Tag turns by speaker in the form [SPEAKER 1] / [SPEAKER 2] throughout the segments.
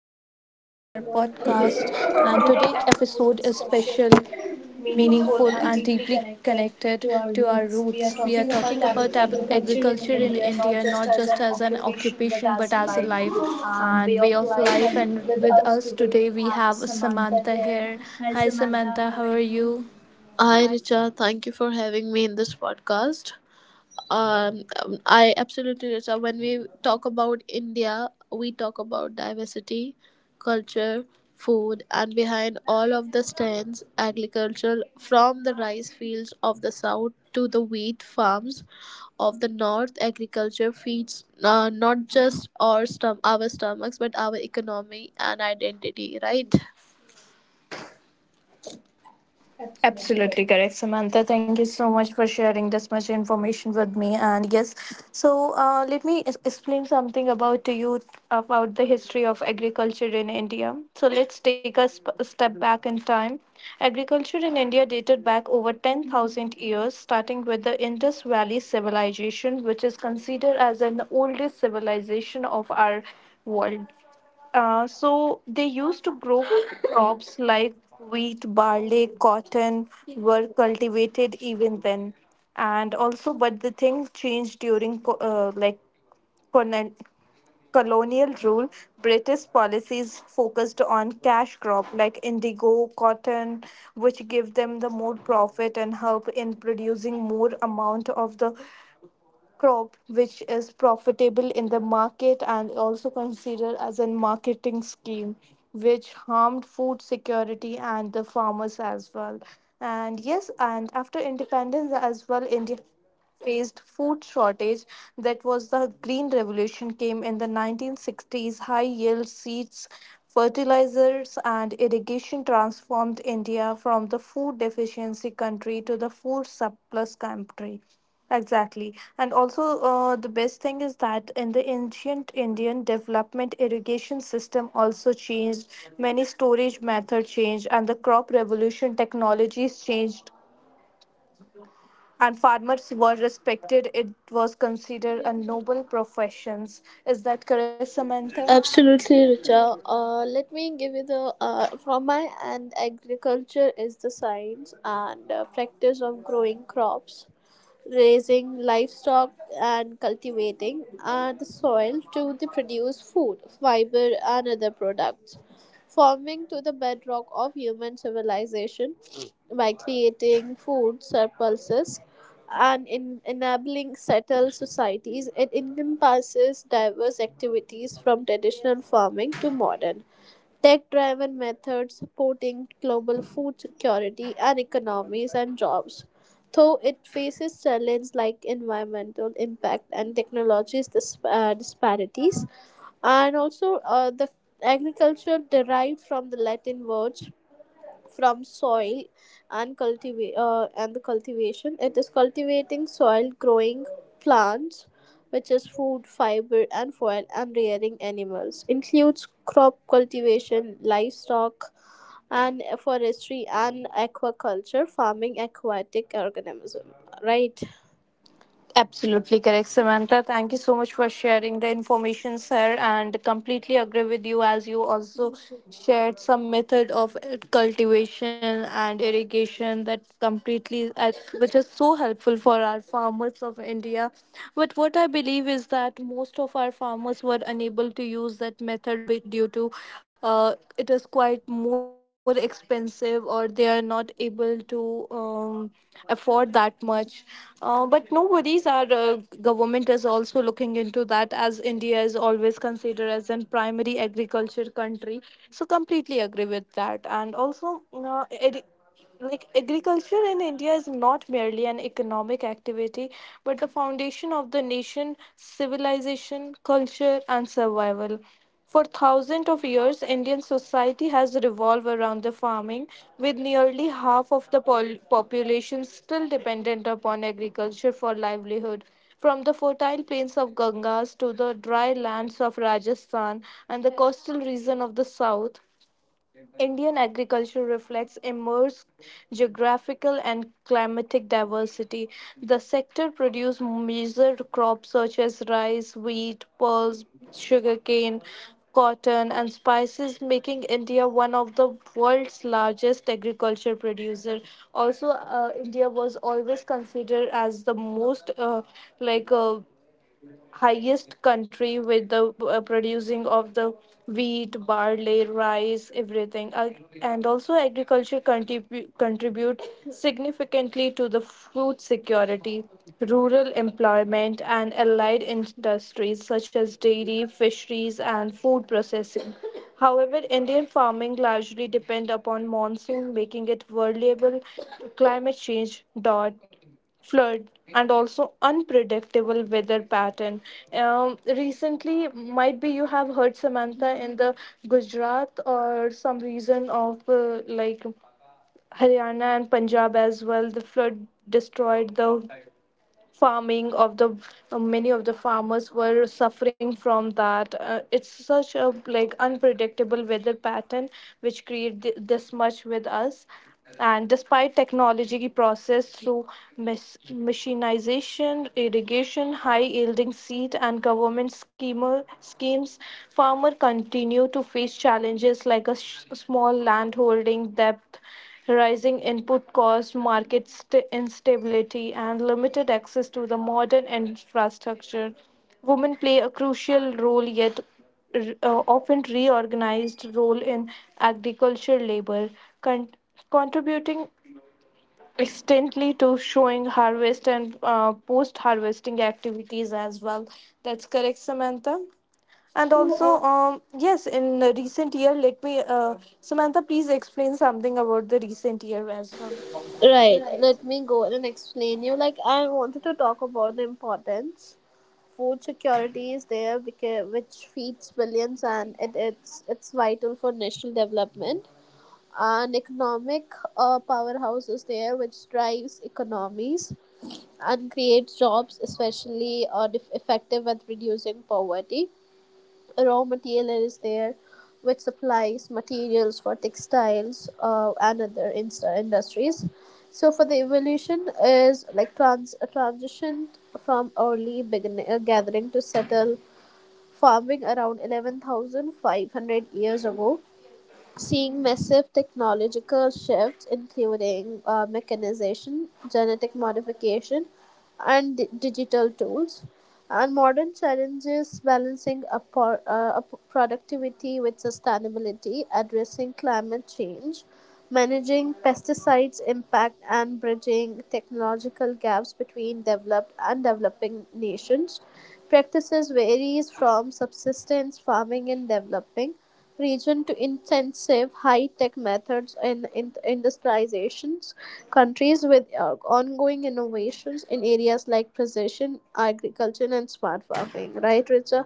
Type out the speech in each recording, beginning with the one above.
[SPEAKER 1] welcome back to our podcast. And today episode is special, meaningful and deeply connected to our roots. We are talking about agriculture in India not just as an occupation but as a life and way of life, and with us today we have Samantha here. Hi Samantha, how are you?
[SPEAKER 2] Hi, Richa. Thank you for having me in this podcast. I absolutely, Richa. When we talk about India, we talk about diversity, culture, food, and behind all of the stands, agriculture from the rice fields of the south to the wheat farms of the north. Agriculture feeds not just our our stomachs, but our economy and identity. Right?
[SPEAKER 1] Absolutely correct, Samantha. Thank you so much for sharing this much information with me. And yes, so let me explain something about to you about the history of agriculture in India. So let's take a step back in time. Agriculture in India dated back over 10,000 years, starting with the Indus Valley civilization, which is considered as an oldest civilization of our world. So they used to grow crops like wheat, barley, cotton were cultivated even then, and also but the thing changed during colon- colonial rule. British policies focused on cash crop like indigo, cotton, which give them the more profit and help in producing more amount of the crop which is profitable in the market and also considered as a marketing scheme which harmed food security and the farmers as well. And yes, and after independence as well, India faced food shortage. That was the green revolution, came in the 1960s. High yield seeds, fertilizers and irrigation transformed India from the food deficiency country to the food surplus country. Exactly. And also, the best thing is that in the ancient Indian development, irrigation system also changed. Many storage method changed, and the crop revolution technologies changed and farmers were respected. It was considered a noble profession. Is that correct, Samantha?
[SPEAKER 2] Absolutely, Richa. Let me give you the from my end. Agriculture is the science and practice of growing crops, raising livestock and cultivating and the soil to the produce food, fiber and other products. Forming to the bedrock of human civilization by creating food surpluses and in enabling settled societies, it encompasses diverse activities from traditional farming to modern tech-driven methods supporting global food security and economies and jobs. Though it faces challenges like environmental impact and technologies disparities, and also the agriculture derived from the Latin word from soil and cultivate, and the cultivation, it is cultivating soil, growing plants, which is food, fiber and foil, and rearing animals, includes crop cultivation, livestock and forestry and aquaculture farming aquatic organism, right?
[SPEAKER 1] Absolutely correct, Samantha. Thank you so much for sharing the information, sir, and completely agree with you, as you also shared some method of cultivation and irrigation that completely, as which is so helpful for our farmers of India. But what I believe is that most of our farmers were unable to use that method due to it is quite more expensive or they are not able to. Afford that much. But no worries, our government is also looking into that as India is always considered as a primary agriculture country. So completely agree with that. And also, agriculture in India is not merely an economic activity, but the foundation of the nation, civilization, culture, and survival. For thousands of years, Indian society has revolved around the farming, with nearly half of the population still dependent upon agriculture for livelihood. From the fertile plains of Gangas to the dry lands of Rajasthan and the coastal region of the south, Indian agriculture reflects immense geographical and climatic diversity. The sector produces major crops such as rice, wheat, pearls, sugarcane, cotton, and spices, making India one of the world's largest agriculture producer. Also, India was always considered as the most like. Uh, highest country with the producing of the wheat, barley, rice, everything. And also agriculture contribute significantly to the food security, rural employment and allied industries such as dairy, fisheries and food processing. However, Indian farming largely depend upon monsoon, making it vulnerable to climate change. Dot flood and also unpredictable weather pattern. Recently, might be you have heard, Samantha, in the Gujarat or some region of Haryana and Punjab as well, the flood destroyed the farming of the many of the farmers were suffering from that. It's such a like unpredictable weather pattern which create this much with us. And despite technology process through machinization, irrigation, high yielding seed and government schemes, farmer continue to face challenges like small land holding, debt, rising input costs, market instability, and limited access to the modern infrastructure. Women play a crucial role, yet often reorganized role in agriculture labor, con- contributing extensively to showing harvest and post-harvesting activities as well. That's correct, Samantha. And also,
[SPEAKER 2] Also,
[SPEAKER 1] yes, in the recent year, let me, Samantha, please explain something about the recent year as well.
[SPEAKER 2] right, let me go and explain you. Like I wanted to talk about the importance. Food security is there because which feeds billions and it's vital for national development. An economic powerhouse is there which drives economies and creates jobs, especially effective at reducing poverty. Raw material is there which supplies materials for textiles and other industries. So for the evolution is like a transition from early beginning, gathering to settle farming around 11,500 years ago, seeing massive technological shifts, including mechanization, genetic modification, and digital tools. And modern challenges balancing productivity with sustainability, addressing climate change, managing pesticides impact and bridging technological gaps between developed and developing nations. Practices varies from subsistence farming in developing region to intensive high-tech methods in, industrializations countries with ongoing innovations in areas like precision agriculture and smart farming, right, richard?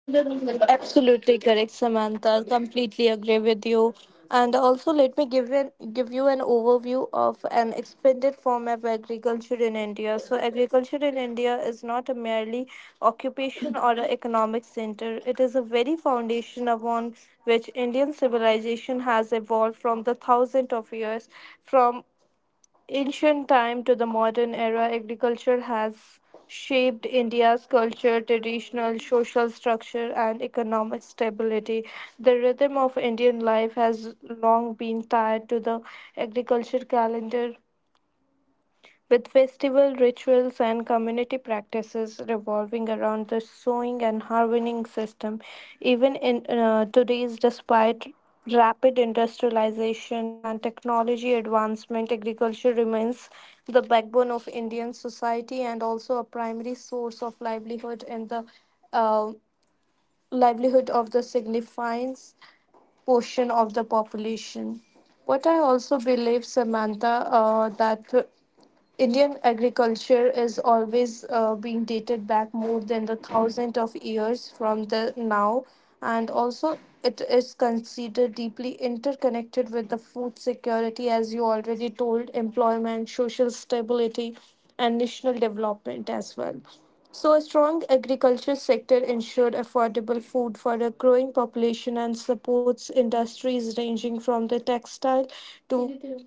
[SPEAKER 1] Absolutely correct, Samantha. Completely agree with you. And also, let me give you an overview of an expanded form of agriculture in India. So, agriculture in India is not a merely occupation or an economic center. It is a very foundation upon which Indian civilization has evolved from the thousands of years, from ancient time to the modern era. Agriculture has shaped India's culture, traditional, social structure, and economic stability. The rhythm of Indian life has long been tied to the agriculture calendar, with festival rituals and community practices revolving around the sowing and harvesting system. Even in today's, despite rapid industrialization and technology advancement, agriculture remains the backbone of Indian society and also a primary source of livelihood in the uh, livelihood of the significant portion of the population. What I also believe, Samantha, that Indian agriculture is always being dated back more than the thousand of years from the now, and also it is considered deeply interconnected with the food security, as you already told, employment, social stability, and national development as well. So, a strong agriculture sector ensured affordable food for a growing population and supports industries ranging from the textile to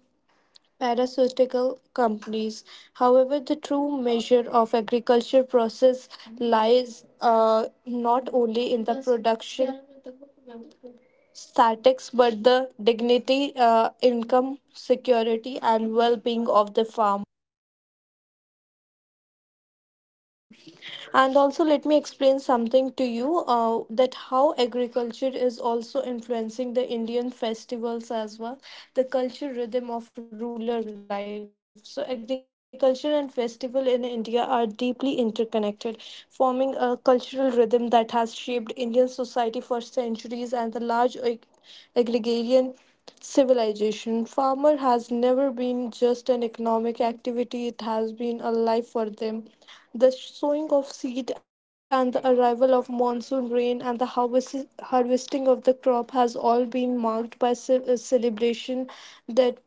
[SPEAKER 1] pharmaceutical companies. However, the true measure of agriculture process lies not only in the production statics but the dignity, income security, and well-being of the farm. And also let me explain something to you that how agriculture is also influencing the Indian festivals as well, the culture rhythm of rural life. So agriculture and festival in India are deeply interconnected, forming a cultural rhythm that has shaped Indian society for centuries, and the large agrarian civilization. Farmer has never been just an economic activity, it has been a life for them. The sowing of seed and the arrival of monsoon rain and harvesting of the crop has all been marked by a celebration that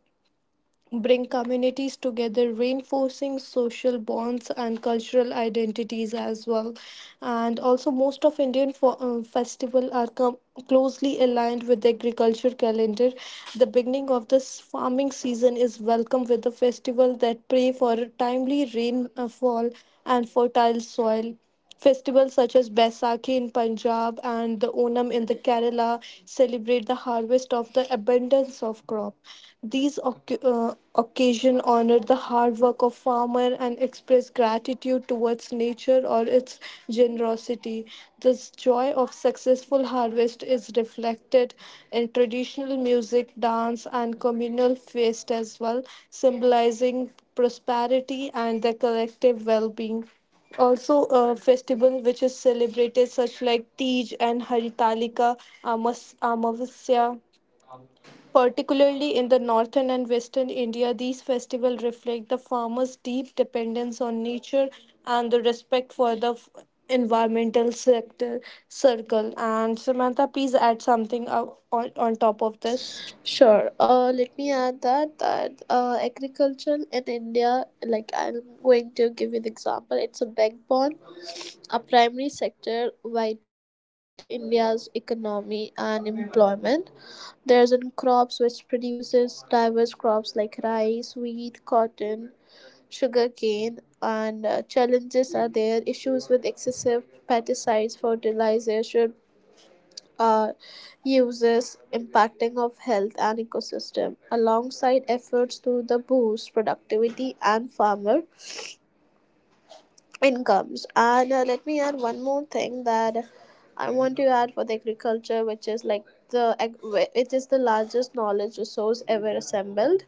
[SPEAKER 1] bring communities together, reinforcing social bonds and cultural identities as well. And also, most of Indian festival are closely aligned with the agriculture calendar. The beginning of this farming season is welcome with the festival that pray for a timely rainfall and fertile soil. Festivals such as Baisakhi in Punjab and the Onam in the Kerala celebrate the harvest of the abundance of crop. These occasion honor the hard work of farmer and express gratitude towards nature or its generosity. This joy of successful harvest is reflected in traditional music, dance, and communal feast as well, symbolizing prosperity and the collective well-being. Also a festival which is celebrated such like Tej and Amavasya, particularly in the northern and western India, these festivals reflect the farmers' deep dependence on nature and the respect for the environmental sector circle. And Samantha, please add something on top of this.
[SPEAKER 2] Sure. Let me add that agriculture in India, like I'm going to give you an example. It's a backbone, a primary sector vital for India's economy and employment. There's in crops which produces diverse crops like rice, wheat, cotton, sugarcane, and challenges are there. Issues with excessive pesticides, fertilizer, uh, uses impacting of health and ecosystem alongside efforts to the boost productivity and farmer incomes. And let me add one more thing that I want to add for the agriculture, which is like the ag- it is the largest knowledge resource ever assembled.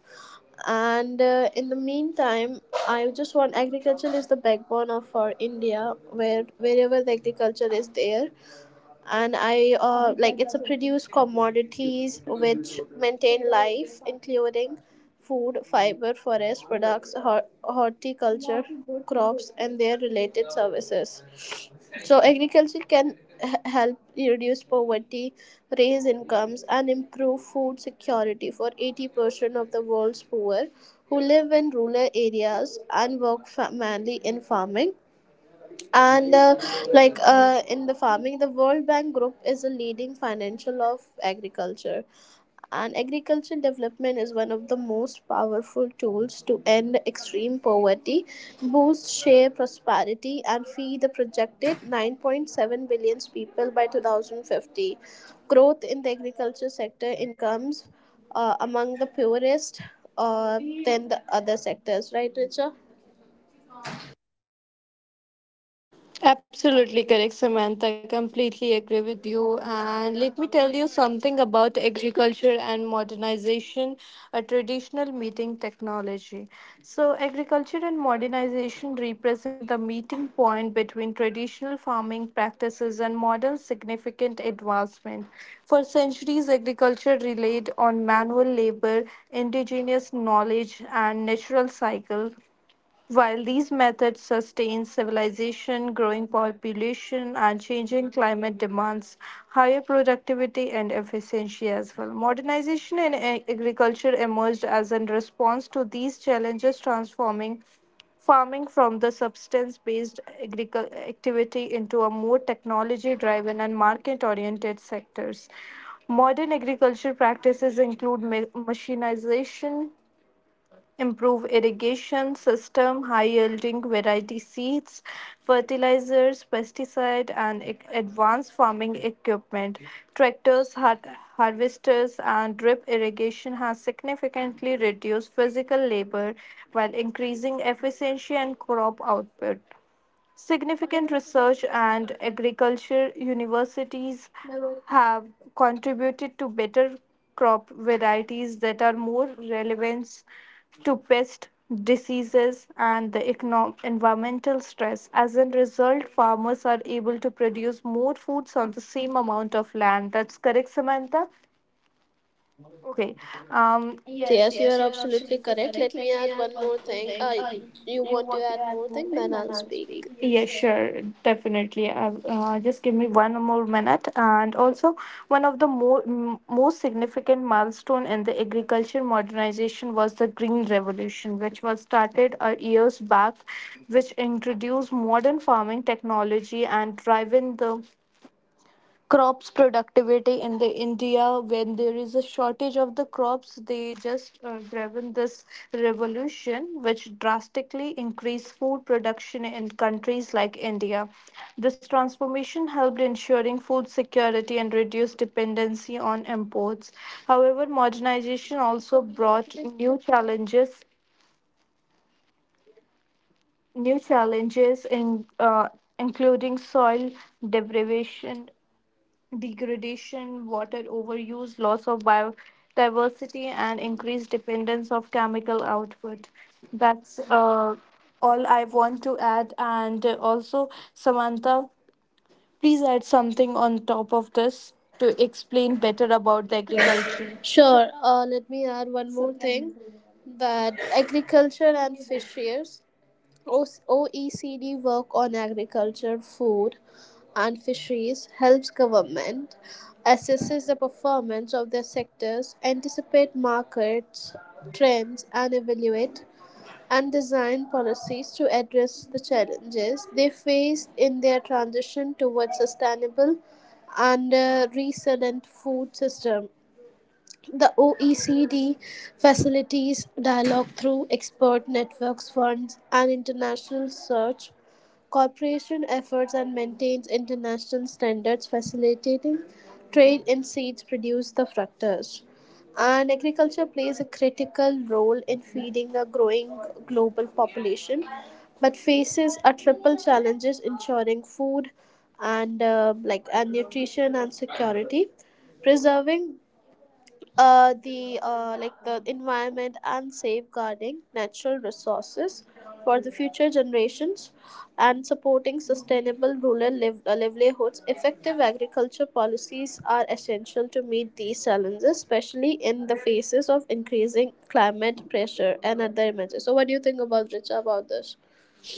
[SPEAKER 2] And in the meantime, I just want agriculture is the backbone of our India, where wherever the agriculture is there. And I like it's a produce commodities which maintain life, including food, fiber, forest products, horticulture, crops, and their related services. So agriculture can help reduce poverty, raise incomes, and improve food security for 80% of the world's poor who live in rural areas and work mainly in farming. And in the farming, the World Bank Group is a leading financial of agriculture, and agricultural development is one of the most powerful tools to end extreme poverty, boost share prosperity and feed the projected 9.7 billion people by 2050. Growth in the agriculture sector incomes, among the poorest, uh, than the other sectors, right, richa?
[SPEAKER 1] Absolutely correct, Samantha. Completely agree with you. And let me tell you something about agriculture and modernization, a traditional meeting technology. So, agriculture and modernization represent the meeting point between traditional farming practices and modern significant advancement. For centuries, agriculture relied on manual labor, indigenous knowledge, and natural cycle, while these methods sustain civilization, growing population and changing climate demands higher productivity and efficiency as well. Modernization in agriculture emerged as a response to these challenges, transforming farming from the substance based agricultural activity into a more technology driven and market oriented sectors. Modern agriculture practices include machinization, improve irrigation system, high yielding variety seeds, fertilizers, pesticide, and advanced farming equipment. Tractors, harvesters, and drip irrigation has significantly reduced physical labor while increasing efficiency and crop output. Significant research and agriculture universities have contributed to better crop varieties that are more relevant to pest diseases and the environmental stress. As a result, farmers are able to produce more foods on the same amount of land. That's correct, Samantha? Okay.
[SPEAKER 2] Yes, yes, you are absolutely correct. Let me add one more thing.
[SPEAKER 1] Um,
[SPEAKER 2] You want to add more thing, then I'll speak.
[SPEAKER 1] Yeah, sure, definitely. Just give me one more minute. And also, one of the more most significant milestone in the agriculture modernization was the Green Revolution, which was started years back, which introduced modern farming technology and driving the crops productivity in the India. When there is a shortage of the crops, they just driven this revolution which drastically increased food production in countries like India. This transformation helped ensuring food security and reduce dependency on imports. However, modernization also brought new challenges, new challenges in including soil degradation degradation, water overuse, loss of biodiversity, and increased dependence of chemical output. That's All I want to add. And also, Samantha, please add something on top of this to explain better about.
[SPEAKER 2] Kitam, sure. Let me add one more thing, that agriculture and fisheries. OECD work on agriculture, food, and fisheries helps government assesses the performance of their sectors, anticipate markets trends, and evaluate and design policies to address the challenges they faced in their transition towards sustainable and resilient food system. The OECD facilitates dialogue through expert networks, funds, and international search cooperation efforts and maintains international standards facilitating trade in seeds produced the fructose. And agriculture plays a critical role in feeding a growing global population, but faces a triple challenges ensuring food and and nutrition and security, preserving the environment and safeguarding natural resources for the future generations and supporting sustainable rural livelihoods. Effective agriculture policies are essential to meet these challenges, especially in the faces of increasing climate pressure and other emergencies. So what do you think about, richa, about this?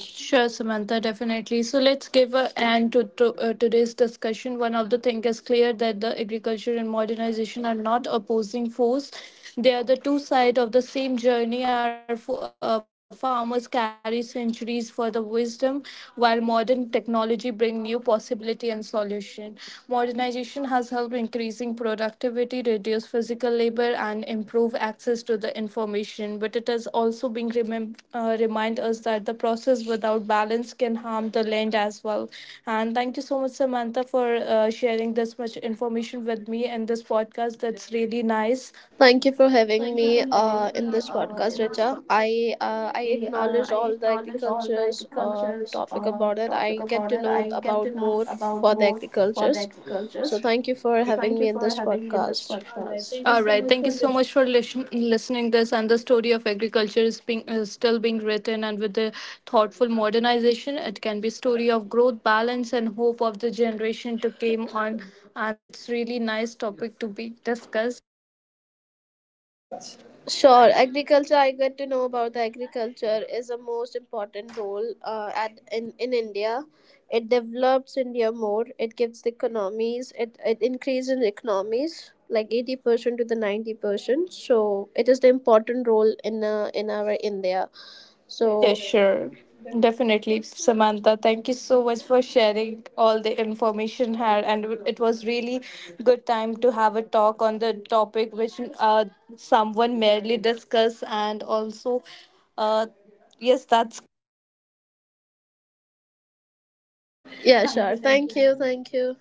[SPEAKER 1] Sure, Samantha, definitely. So let's give a end to today's discussion. One of the thing is clear that the agriculture and modernization are not opposing force. They are the two sides of the same journey. Our farmers carry centuries for the wisdom, while modern technology bring new possibility and solution. Modernization has helped increasing productivity, reduce physical labor, and improve access to the information. But it has also been remind us that the process without balance can harm the land as well. And thank you so much, Samantha, for sharing this much information with me in this podcast. That's really nice.
[SPEAKER 2] Thank you for having me in this podcast, Richa. I acknowledge
[SPEAKER 1] I
[SPEAKER 2] all the
[SPEAKER 1] acknowledge all the
[SPEAKER 2] agriculture's
[SPEAKER 1] agriculture's
[SPEAKER 2] topic about it.
[SPEAKER 1] topic
[SPEAKER 2] I
[SPEAKER 1] about
[SPEAKER 2] get
[SPEAKER 1] it.
[SPEAKER 2] to know
[SPEAKER 1] I get to
[SPEAKER 2] about
[SPEAKER 1] know
[SPEAKER 2] more
[SPEAKER 1] about
[SPEAKER 2] for
[SPEAKER 1] more
[SPEAKER 2] the
[SPEAKER 1] for the
[SPEAKER 2] agriculture's.
[SPEAKER 1] agricultures.
[SPEAKER 2] So thank you for
[SPEAKER 1] Thank you
[SPEAKER 2] having me
[SPEAKER 1] for
[SPEAKER 2] in this
[SPEAKER 1] having me in this
[SPEAKER 2] podcast.
[SPEAKER 1] podcast. All right. Thank you so much for listening this. And the story of agriculture is being still being written, and with the thoughtful modernization, it can be story of growth, balance, and hope of the generation to came on. And that's really nice topic to be discussed.
[SPEAKER 2] Sure, agriculture. I get to know about the agriculture is a most important role in India. It develops India more. It gives the economies. It increases economies like 80% to the 90%. So it is the important role in our India.
[SPEAKER 1] Yeah,
[SPEAKER 2] So
[SPEAKER 1] sure. Definitely, Samantha. Thank you so much for sharing all the information here. And it was really good time to have a talk on the topic which someone merely discussed. And also, uh, yes, that's
[SPEAKER 2] yeah, sure. Thank you. Thank you.